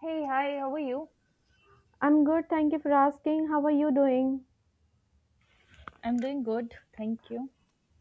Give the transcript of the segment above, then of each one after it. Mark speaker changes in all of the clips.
Speaker 1: Hey, hi, how are you?
Speaker 2: I'm good, thank you for asking. How are you doing?
Speaker 1: I'm doing good, thank you.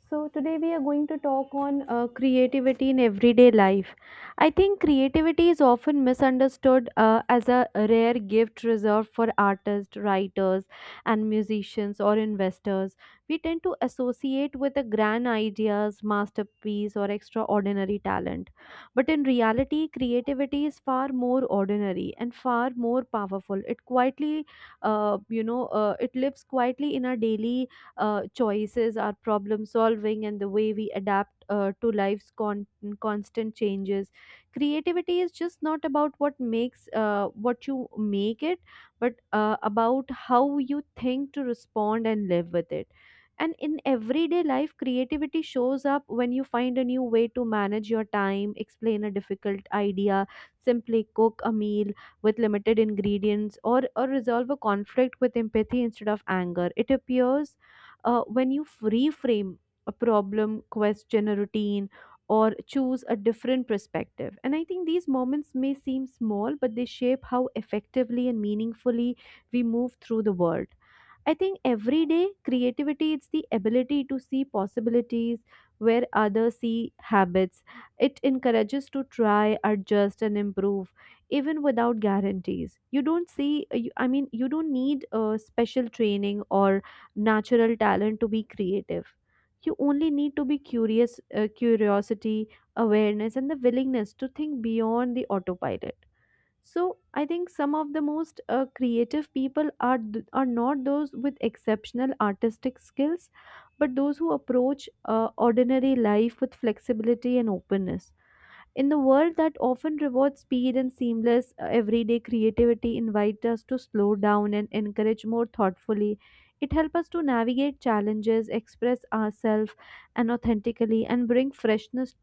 Speaker 2: So today we are going to talk on creativity in everyday life. I think creativity is often misunderstood as a rare gift reserved for artists, writers, and musicians or investors. We tend to associate with the grand ideas, masterpiece, or extraordinary talent. But in reality, creativity is far more ordinary and far more powerful. It quietly, it lives quietly in our daily choices, our problem solving, and the way we adapt to life's constant changes. Creativity is just not about what makes what you make it, but about how you think to respond and live with it. And in everyday life, creativity shows up when you find a new way to manage your time, explain a difficult idea, simply cook a meal with limited ingredients, or resolve a conflict with empathy instead of anger. It appears when you reframe a problem, question a routine, or choose a different perspective. And I think these moments may seem small, but they shape how effectively and meaningfully we move through the world. I think every day creativity it's the ability to see possibilities where others see habits. It encourages to try, adjust and improve even without guarantees. You don't see you- I mean you don't need special training or natural talent to be creative. You only need to be curious curiosity, awareness and the willingness to think beyond the autopilot. So I think some of the most creative people are are not those with exceptional artistic skills, but those who approach ordinary life with flexibility and openness. In the world that often rewards speed and seamless everyday creativity, invite us to slow down and encourage more thoughtfully. It helps us to navigate challenges, express ourselves and authentically, and bring freshness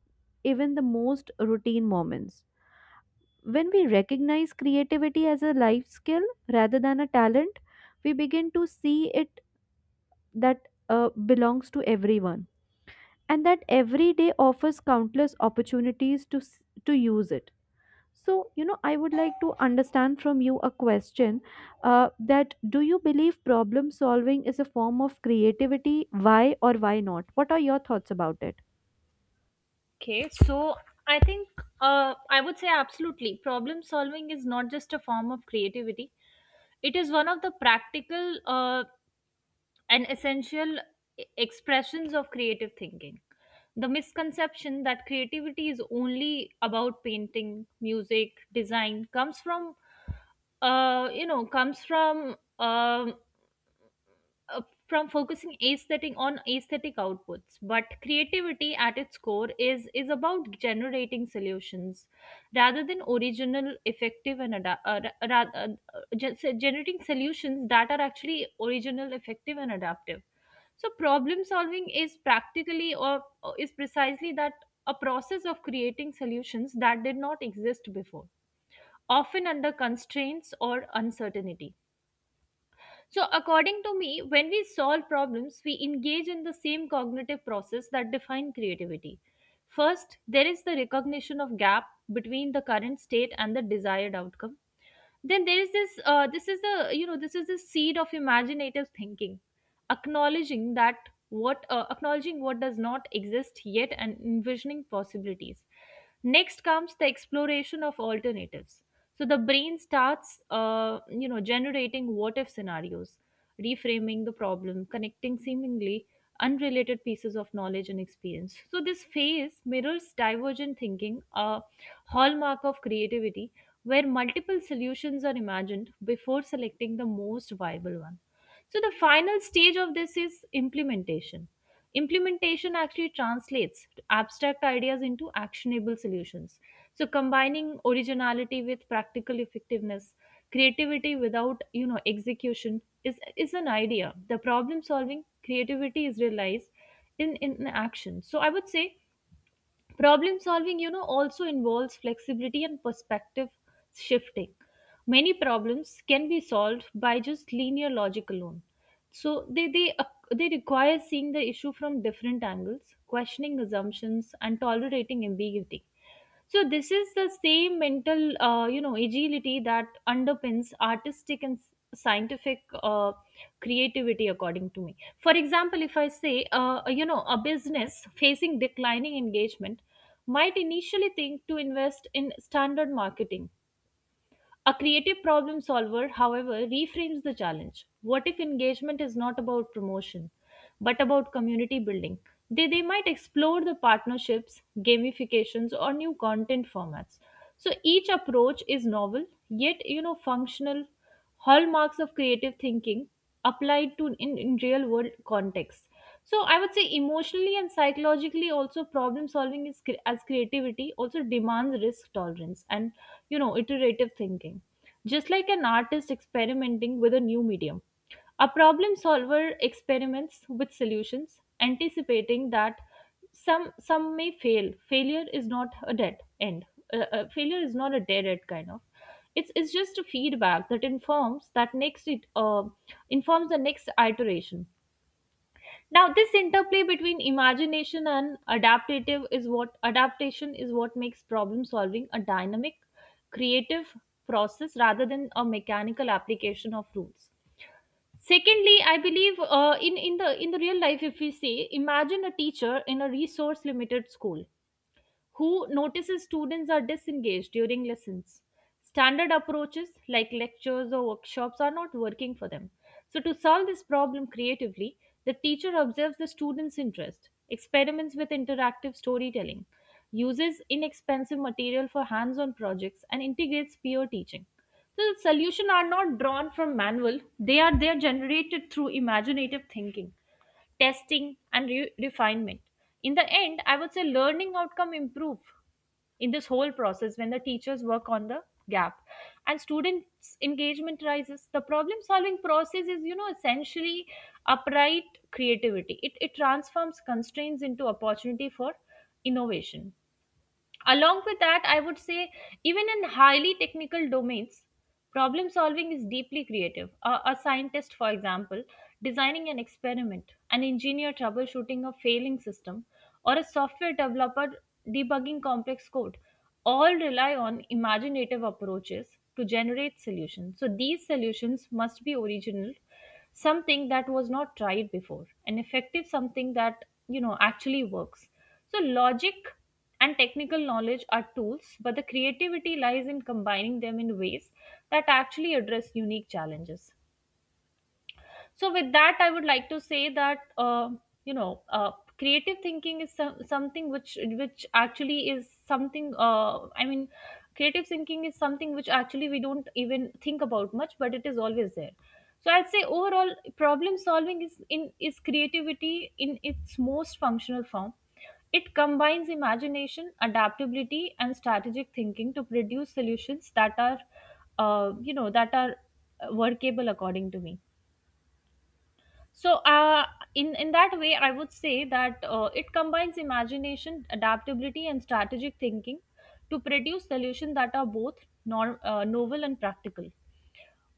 Speaker 2: even the most routine moments. When we recognize creativity as a life skill rather than a talent, we begin to see it that belongs to everyone and that every day offers countless opportunities to to use it. So, you know, I would like to understand from you a question that do you believe problem solving is a form of creativity? Why or why not? What are your thoughts about it?
Speaker 1: Okay, so I think I would say absolutely. Problem solving is not just a form of creativity, it is one of the practical and essential expressions of creative thinking. The misconception that creativity is only about painting, music, design comes from, you know, comes from. Um uh, from focusing aesthetic on aesthetic outputs, but creativity at its core is about generating solutions rather than original effective and uh, so generating solutions that are actually original, effective and adaptive. So problem solving is practically or is precisely that, a process of creating solutions that did not exist before, often under constraints or uncertainty. So, according to me, when we solve problems, we engage in the same cognitive process that define creativity. First, there is the recognition of gap between the current state and the desired outcome. Then there is this this is the you know this is the seed of imaginative thinking, acknowledging that what acknowledging what does not exist yet and envisioning possibilities. Next comes the exploration of alternatives. So the brain starts generating what if scenarios, reframing the problem, connecting seemingly unrelated pieces of knowledge and experience. So this phase mirrors divergent thinking, a hallmark of creativity, where multiple solutions are imagined before selecting the most viable one. So the final stage of this is implementation. Implementation actually translates abstract ideas into actionable solutions. So, combining originality with practical effectiveness, creativity without execution is an idea. The problem solving creativity is realized in action. So, I would say problem solving, you know, also involves flexibility and perspective shifting. Many problems can be solved by just linear logic alone. So they require seeing the issue from different angles, questioning assumptions, and tolerating ambiguity. So this is the same mental, agility that underpins artistic and scientific creativity, according to me. For example, if I say, a business facing declining engagement might initially think to invest in standard marketing. A creative problem solver, however, reframes the challenge. What if engagement is not about promotion, but about community building? They might explore the partnerships, gamifications, or new content formats. So each approach is novel, yet you know functional, hallmarks of creative thinking applied in real world context. So I would say emotionally and psychologically also, problem solving is cre- as creativity also demands risk tolerance and iterative thinking. Just like an artist experimenting with a new medium, a problem solver experiments with solutions, anticipating that some may fail. Failure is not a dead end. Failure is not a dead end kind of. It's just a feedback that informs the next iteration. Now this interplay between imagination and adaptative is what adaptation is what makes problem solving a dynamic, creative process rather than a mechanical application of rules. Secondly, I believe in the real life, if we say, imagine a teacher in a resource limited school who notices students are disengaged during lessons. Standard approaches like lectures or workshops are not working for them. So, to solve this problem creatively, the teacher observes the student's interest, experiments with interactive storytelling, uses inexpensive material for hands on projects, and integrates peer teaching. So the solutions are not drawn from manual, they are generated through imaginative thinking, testing and refinement. In the end, I would say learning outcome improve in this whole process. When the teachers work on the gap and students engagement rises, the problem solving process is you know essentially upright creativity. It transforms constraints into opportunity for innovation. Along with that, I would say, even in highly technical domains, problem solving is deeply creative. A scientist, for example, designing an experiment, an engineer troubleshooting a failing system, or a software developer debugging complex code, all rely on imaginative approaches to generate solutions. So these solutions must be original, something that was not tried before, and effective, something that you know actually works. So logic and technical knowledge are tools, but the creativity lies in combining them in ways that actually address unique challenges. So with that, I would like to say that you know uh, creative thinking is some, something which actually is something I mean creative thinking is something which actually we don't even think about much, but it is always there. So I'd say overall, problem solving is creativity in its most functional form. It combines imagination, adaptability, and strategic thinking to produce solutions that are, uh, you know, that are workable according to me. So, in that way, I would say that it combines imagination, adaptability, and strategic thinking to produce solutions that are both novel and practical.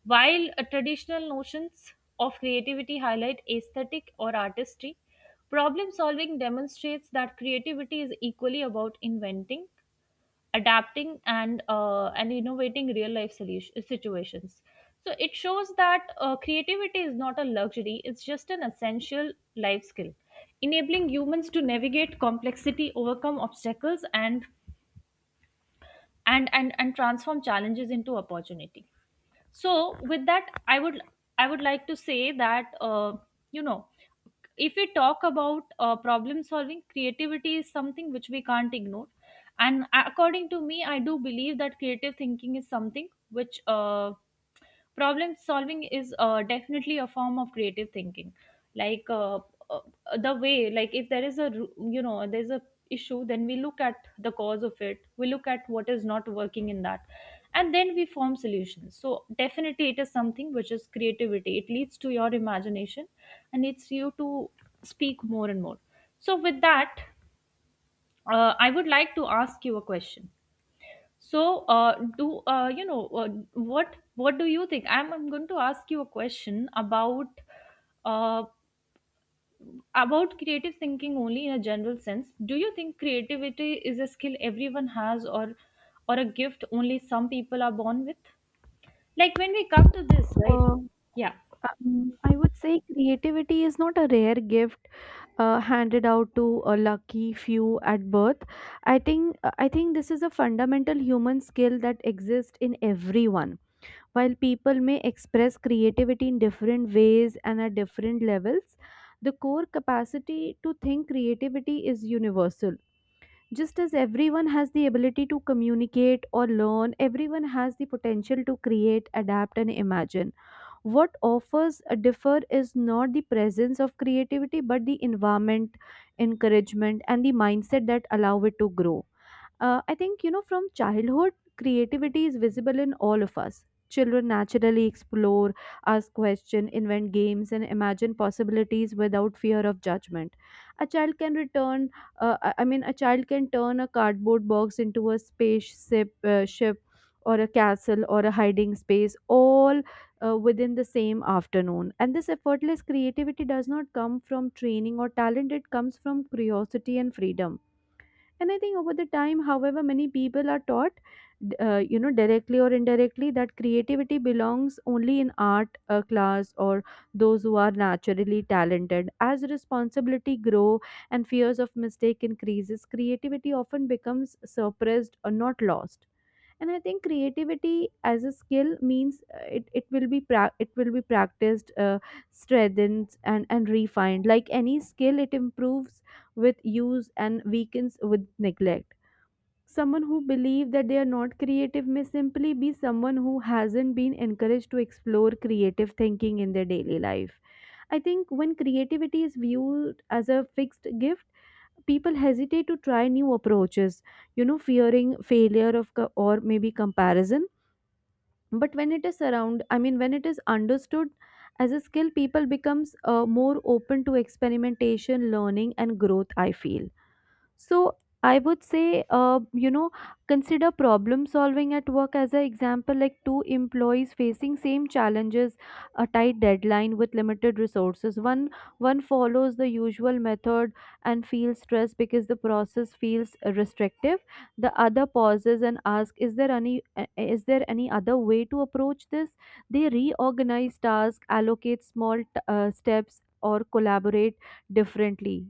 Speaker 1: While traditional notions of creativity highlight aesthetic or artistry, problem solving demonstrates that creativity is equally about inventing, adapting and innovating real life situations. So it shows that creativity is not a luxury, it's just an essential life skill, enabling humans to navigate complexity, overcome obstacles, and transform challenges into opportunity. So with that, I would like to say that you know if we talk about problem solving, creativity is something which we can't ignore. And according to me, I do believe that creative thinking is something which problem solving is definitely a form of creative thinking. like uh, uh, the way, like, if there is a you know, there's a issue, then we look at the cause of it, we look at what is not working in that, and then we form solutions. So definitely it is something which is creativity, it leads to your imagination and it's you to speak more and more. So with that, I would like to ask you a question. So, do you know what? What do you think? I'm going to ask you a question uh, about creative thinking only in a general sense. Do you think creativity is a skill everyone has, or a gift only some people are born with? Like when we come to this, right?
Speaker 2: Uh,
Speaker 1: Yeah.
Speaker 2: I would say creativity is not a rare gift handed out to a lucky few at birth. I think this is a fundamental human skill that exists in everyone. While people may express creativity in different ways and at different levels, the core capacity to think creativity is universal. Just as everyone has the ability to communicate or learn, everyone has the potential to create, adapt, and imagine what offers a differ is not the presence of creativity, but the environment, encouragement, and the mindset that allow it to grow. I think, you know, from childhood, creativity is visible in all of us. Children naturally explore, ask questions, invent games, and imagine possibilities without fear of judgment. A child can return, I mean, A child can turn a cardboard box into a spaceship, ship, or a castle, or a hiding space, all within the same afternoon. And this effortless creativity does not come from training or talent, it comes from curiosity and freedom. And I think over the time however many people are you know directly or indirectly that creativity belongs only in art class or those who are naturally talented as responsibility grow and fears of mistake increases creativity often becomes suppressed or not lost. And I think creativity as a skill means it will be practiced strengthened and refined like any skill it improves with use and weakens with neglect. Someone who believes that they are not creative may simply be someone who hasn't been encouraged to explore creative thinking in their daily life. I think when creativity is viewed as a fixed gift, people hesitate to try new approaches, you know, fearing or maybe comparison. But when it is around, I mean, when it is understood as a skill, people becomes more open to experimentation, learning, and growth. I feel. So I would say, you know, consider problem solving at work as an example, like two employees facing same challenges, a tight deadline with limited resources. One follows the usual method and feels stressed because the process feels restrictive. The other pauses and asks, is there any other way to approach this?" They reorganize tasks, allocate steps, or collaborate differently.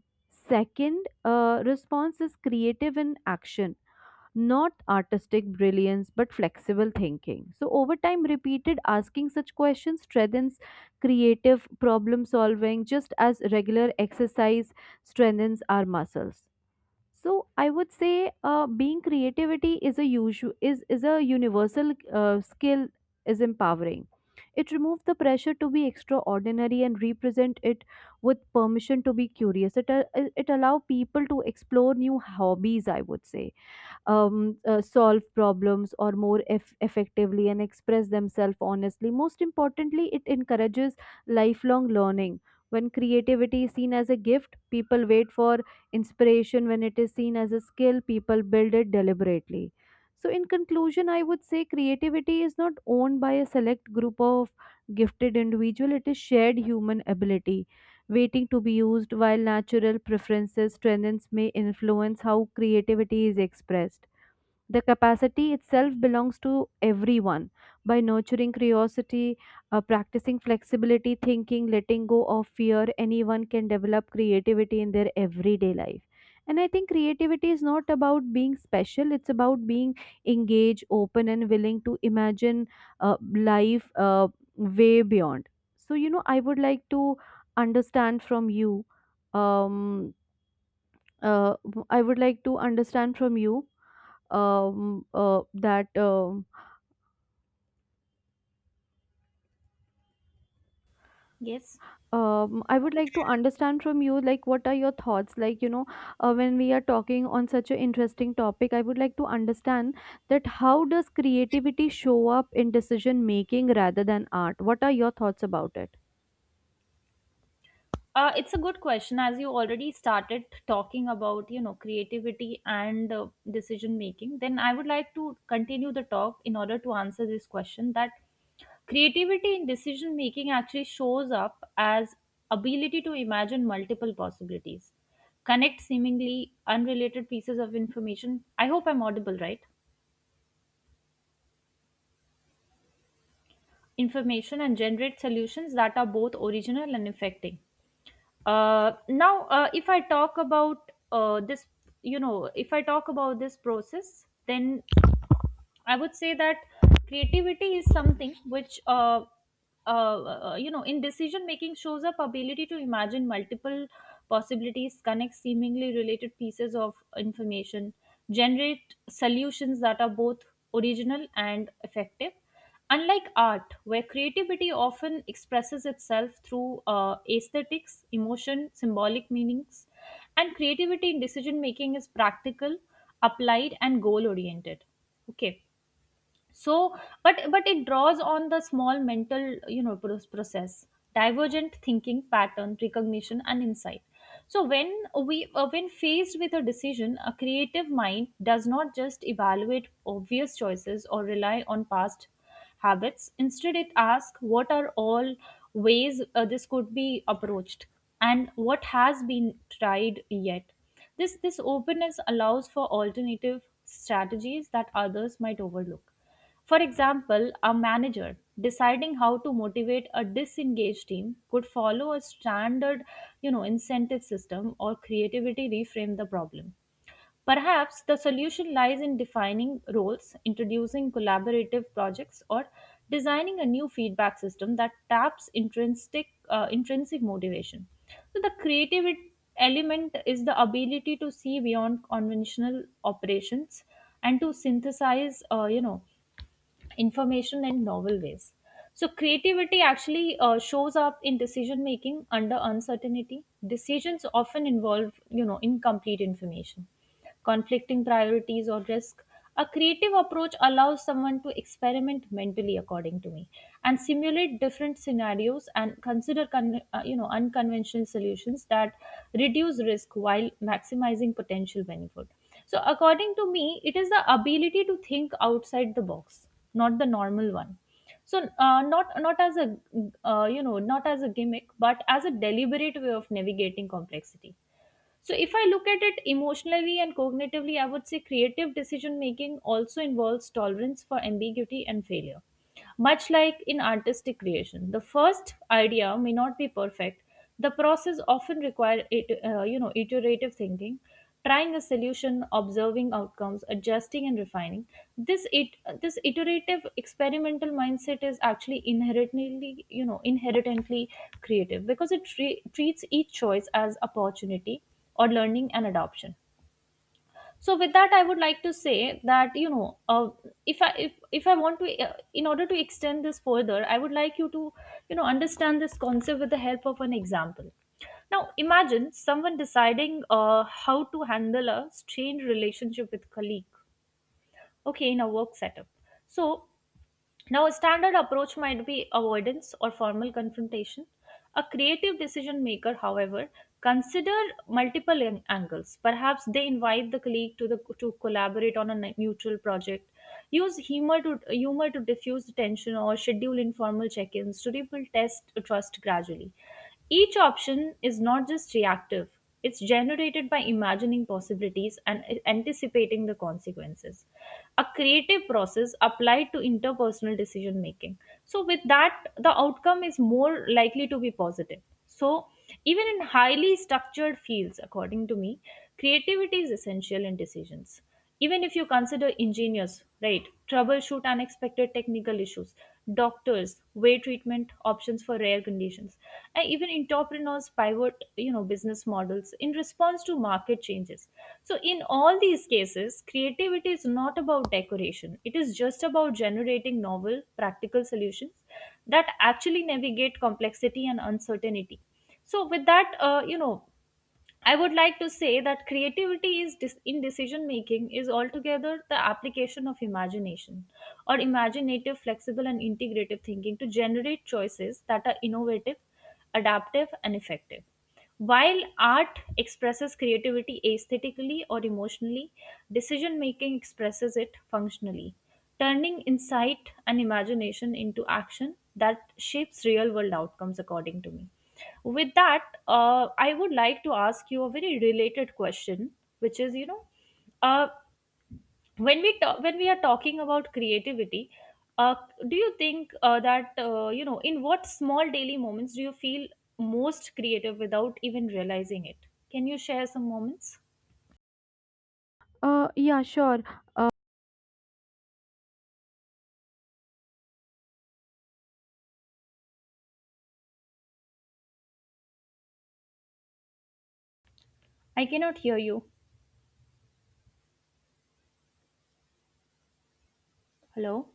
Speaker 2: Second response is creative in action, not artistic brilliance, but flexible thinking. So, over time, repeated asking such questions strengthens creative problem solving, just as regular exercise strengthens our muscles. So I would say being creativity is a usual is a universal skill is empowering. It removes the pressure to be extraordinary and represent it with permission to be curious. It allow people to explore new hobbies, I would say solve problems or more eff- effectively and express themselves honestly. Most importantly, it encourages lifelong learning. When creativity is seen as a gift, people wait for inspiration. When it is seen as a skill, people build it deliberately. So, in conclusion, I would say creativity is not owned by a select group of gifted individual. It is shared human ability waiting to be used, while natural preferences, strengths may influence how creativity is expressed. The capacity itself belongs to everyone. By nurturing curiosity, practicing flexibility, thinking, letting go of fear, anyone can develop creativity in their everyday life. And I think creativity is not about being special, it's about being engaged, open, and willing to imagine life way beyond. So, you know, I would like to understand from you. Um, uh, I would like to understand from you that
Speaker 1: Yes.
Speaker 2: I would like to understand from you, like, what are your thoughts? Like, you know, when we are talking on such an interesting topic, I would like to understand that how does creativity show up in decision making rather than art? What are your thoughts about it?
Speaker 1: It's a good question. As you already started talking about you know creativity and decision making, then I would like to continue the talk in order to answer this question that creativity in decision making actually shows up as ability to imagine multiple possibilities, connect seemingly unrelated pieces of information. I hope I'm audible, right? Information and generate solutions that are both original and affecting. Now, if I talk about this, you know, If I talk about this process, then I would say that creativity is something which, uh, in decision making, shows up ability to imagine multiple possibilities, connect seemingly related pieces of information, generate solutions that are both original and effective. Unlike art, where creativity often expresses itself through aesthetics, emotion, symbolic meanings, and creativity in decision making is practical, applied, and goal oriented. Okay, so but it draws on the small mental you know process, divergent thinking, pattern recognition and insight. So when faced with a decision, a creative mind does not just evaluate obvious choices or rely on past habits. Instead it asks, what are all ways this could be approached and what has been tried yet. This openness allows for alternative strategies that others might overlook. For example, a manager deciding how to motivate a disengaged team could follow a standard, you know, incentive system, or creativity reframe the problem. Perhaps the solution lies in defining roles, introducing collaborative projects, or designing a new feedback system that taps intrinsic motivation. So the creative element is the ability to see beyond conventional operations and to synthesize information and novel ways. So creativity actually shows up in decision making under uncertainty. Decisions often involve, you know, incomplete information, conflicting priorities, or risk. A creative approach allows someone to experiment mentally, according to me, and simulate different scenarios and consider, unconventional solutions that reduce risk while maximizing potential benefit. So, according to me, it is the ability to think outside the box, not the normal one. So not not as a not as a gimmick, but as a deliberate way of navigating complexity. So, if I look at it emotionally and cognitively, I would say creative decision making also involves tolerance for ambiguity and failure. Much like in artistic creation, the first idea may not be perfect. The process often requires, iterative thinking, trying a solution, observing outcomes, adjusting and refining. This it this iterative experimental mindset is actually inherently creative because it treats each choice as opportunity or learning and adoption. So with that, I would like to say that if I want to in order to extend this further, I would like you to understand this concept with the help of an example. Now imagine someone deciding how to handle a strained relationship with colleague, okay, in a work setup. so Now, a standard approach might be avoidance or formal confrontation. A creative decision maker, however, consider multiple angles. Perhaps they invite the colleague to collaborate on a mutual project, use humor to diffuse tension or schedule informal check-ins to rebuild test trust gradually. Each option is not just reactive, it's generated by imagining possibilities and anticipating the consequences. A creative process applied to interpersonal decision making. So, with that, the outcome is more likely to be positive. So, even in highly structured fields, according to me, creativity is essential in decisions, even if you consider engineers, right, troubleshoot unexpected technical issues, doctors weigh treatment options for rare conditions, and even entrepreneurs pivot business models in response to market changes. So in all these cases, creativity is not about decoration, it is just about generating novel practical solutions that actually navigate complexity and uncertainty. So with that, I would like to say that creativity is in decision making is altogether the application of imagination or imaginative, flexible, and integrative thinking to generate choices that are innovative, adaptive, and effective. While art expresses creativity aesthetically or emotionally, decision making expresses it functionally, turning insight and imagination into action that shapes real world outcomes, according to me. With that, I would like to ask you a very related question, which is, uh, when we are talking about creativity, uh, do you think in what small daily moments do you feel most creative without even realizing it? Can you share some moments?
Speaker 2: Yeah, sure. Uh,
Speaker 1: I cannot hear you. Hello.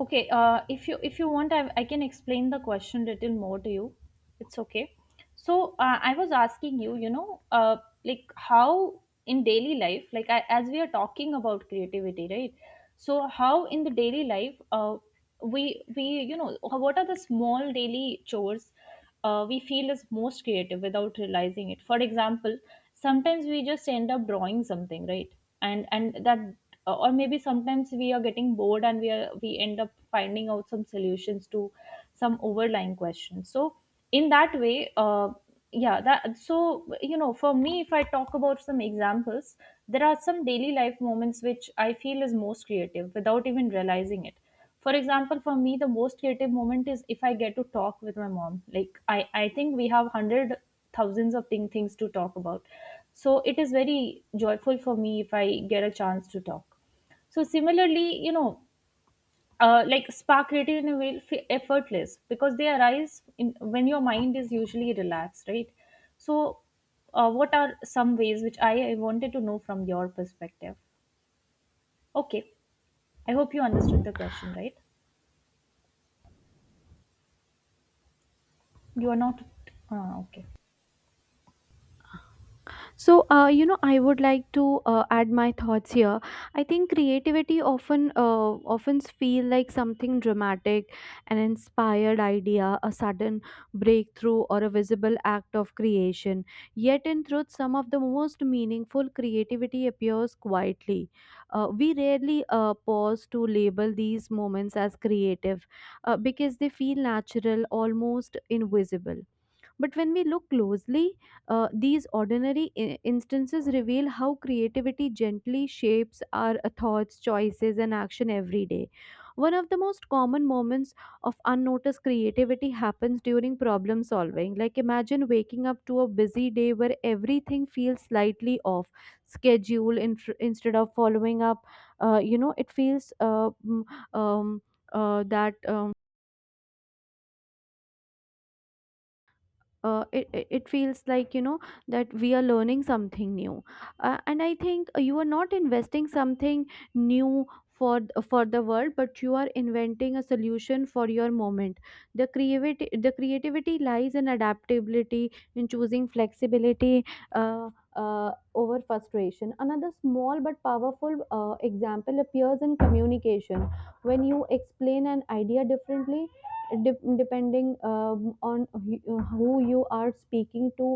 Speaker 1: Okay, if you want, I can explain the question little more to you. It's okay. So I was asking you, like how in daily life, like I, as we are talking about creativity, right? So how in the daily life, we we what are the small daily chores we feel is most creative without realizing it? For example, sometimes we just end up drawing something, right? And that, or maybe sometimes we are getting bored and we end up finding out some solutions to some overlying questions. So in that way, yeah that so you know, for me, if I talk about some examples, there are some daily life moments which I feel is most creative without even realizing it. For example, for me, the most creative moment is if I get to talk with my mom. Like I think we have hundred thousands of things to talk about. So it is very joyful for me if I get a chance to talk. So similarly, you know, like spark creativity in a way effortless, because they arise in, when your mind is usually relaxed, right? So what are some ways which I wanted to know from your perspective. Okay, I hope you understood the question right. You are not. Okay.
Speaker 2: So, you know, I would like to add my thoughts here. I think creativity often feel like something dramatic, an inspired idea, a sudden breakthrough, or a visible act of creation. Yet, in truth, some of the most meaningful creativity appears quietly. We rarely pause to label these moments as creative because they feel natural, almost invisible. But when we look closely, these ordinary instances reveal how creativity gently shapes our thoughts, choices, and action every day. One of the most common moments of unnoticed creativity happens during problem solving. Like, imagine waking up to a busy day where everything feels slightly off schedule in, instead of following up. You know, it feels mm, um, that. It, it it feels like you know that we are learning something new and I think you are not investing something new for for the world but you are inventing a solution for your moment. The creativity lies in adaptability in choosing flexibility uh, over frustration. Another small but powerful example appears in communication when you explain an idea differently depending on who you are speaking to,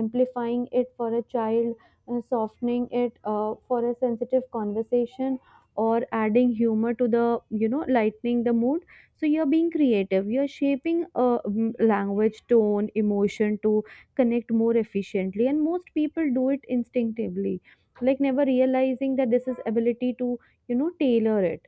Speaker 2: amplifying it for a child, softening it for a sensitive conversation, or adding humor to the, you know, lightening the mood. So you're being creative, you're shaping language, tone, emotion to connect more efficiently. And most people do it instinctively, like never realizing that this is ability to, you know, tailor it.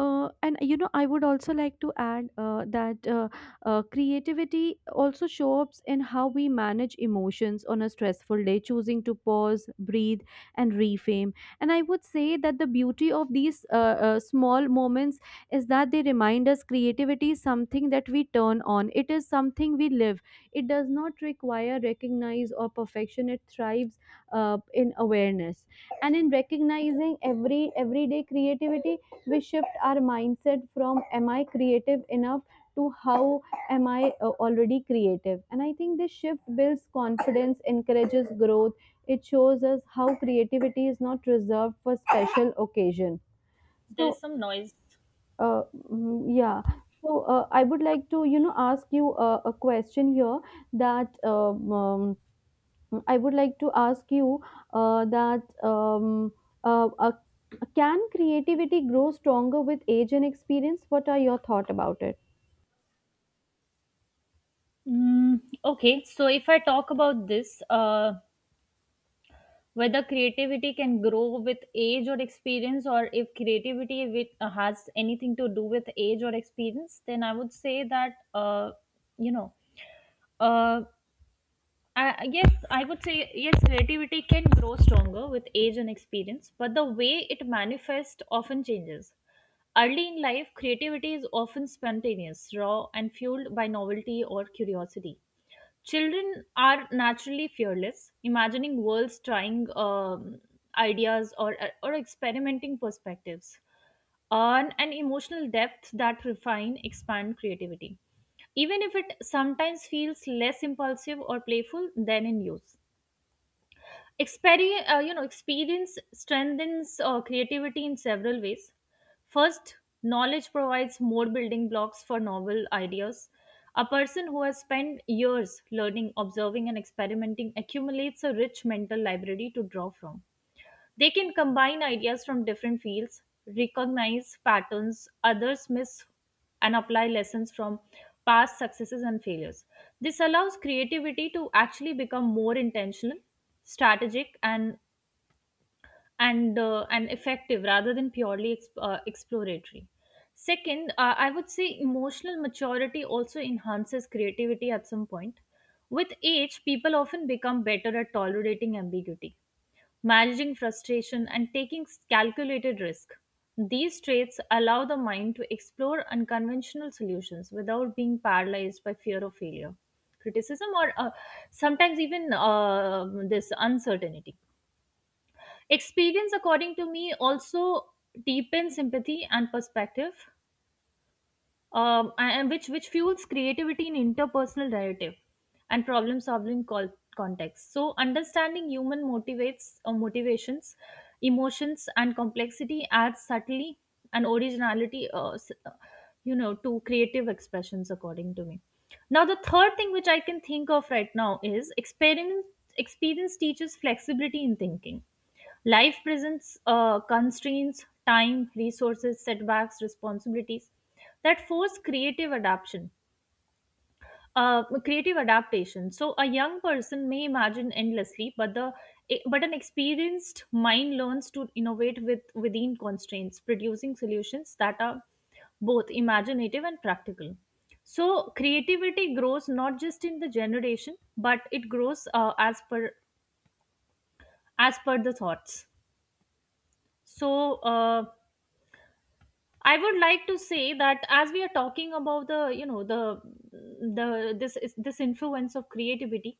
Speaker 2: And you know, I would also like to add that creativity also shows up in how we manage emotions on a stressful day, choosing to pause, breathe, and reframe. And I would say that the beauty of these small moments is that they remind us creativity is something that we turn on. It is something we live. It does not require recognize or perfection. It thrives in awareness, and in recognizing every everyday creativity we shift our mindset from am I creative enough to how am I already creative. And I think this shift builds confidence encourages growth. It shows us how creativity is not reserved for special occasion.
Speaker 1: There
Speaker 2: So
Speaker 1: is some noise.
Speaker 2: uh, yeah, so I would like to you know ask you a question here that Mm, I would like to ask you that uh, uh, can creativity grow stronger with age and experience? What are your thoughts about it?
Speaker 1: Okay, so if I talk about this, whether creativity can grow with age or experience, or if creativity has anything to do with age or experience, then I would say that you know uh, I yes, I would say yes, creativity can grow stronger with age and experience, but the way it manifests often changes. Early in life, creativity is often spontaneous, raw, and fueled by novelty or curiosity. Children are naturally fearless, imagining worlds, trying ideas, or experimenting perspectives on an emotional depth that refine expand creativity, even if it sometimes feels less impulsive or playful than in youth. Experience strengthens creativity in several ways. First, knowledge provides more building blocks for novel ideas. A person who has spent years learning, observing and experimenting accumulates a rich mental library to draw from. They can combine ideas from different fields, recognize patterns others miss, and apply lessons from past successes and failures. This allows creativity to actually become more intentional, strategic, and effective rather than exploratory. Second, I would say emotional maturity also enhances creativity at some point. With age, people often become better at tolerating ambiguity, managing frustration, and taking calculated risk. These traits allow the mind to explore unconventional solutions without being paralyzed by fear of failure, criticism, or sometimes even this uncertainty. Experience, according to me, also deepens empathy and perspective, and which fuels creativity in interpersonal narrative and problem solving context. So understanding human motivates or motivations, emotions and complexity adds subtlety and originality, to creative expressions, according to me. Now, the third thing which I can think of right now is experience. Experience teaches flexibility in thinking. Life presents constraints, time, resources, setbacks, responsibilities that force creative adaptation. So a young person may imagine endlessly, but but an experienced mind learns to innovate with within constraints, producing solutions that are both imaginative and practical. So creativity grows not just in the generation, but it grows as per the thoughts. So I would like to say that as we are talking about the, the, this influence of creativity,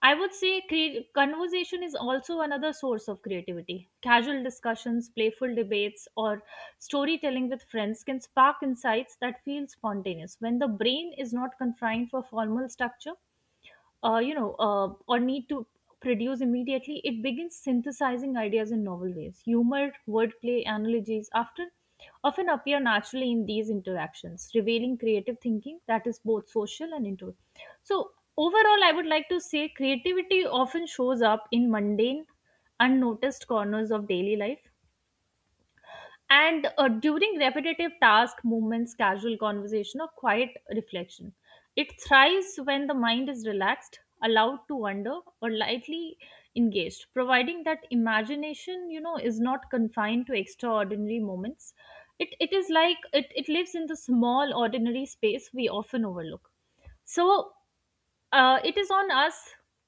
Speaker 1: I would say conversation is also another source of creativity. Casual discussions, playful debates, or storytelling with friends can spark insights that feel spontaneous when the brain is not confined for formal structure, or need to produce immediately, it begins synthesizing ideas in novel ways. Humor, wordplay, analogies after often appear naturally in these interactions, revealing creative thinking that is both social and intuitive. So overall, I would like to say creativity often shows up in mundane, unnoticed corners of daily life, and during repetitive task movements, casual conversation or quiet reflection. It thrives when the mind is relaxed, allowed to wander or lightly engaged, providing that imagination, is not confined to extraordinary moments. It is like It lives in the small ordinary space we often overlook. So it is on us,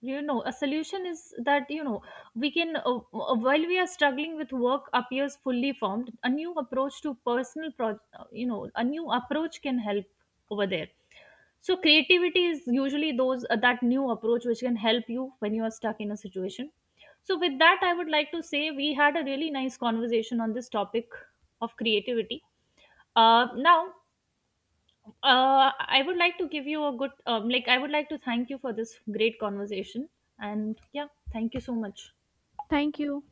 Speaker 1: a solution is that we can, while we are struggling with work appears fully formed, a new approach to personal pro- you know a new approach can help over there. So creativity is usually those that new approach which can help you when you are stuck in a situation. So with that, I would like to say we had a really nice conversation on this topic of creativity. Now I would like to give you a good, I would like to thank you for this great conversation. And yeah, thank you so much.
Speaker 2: Thank you.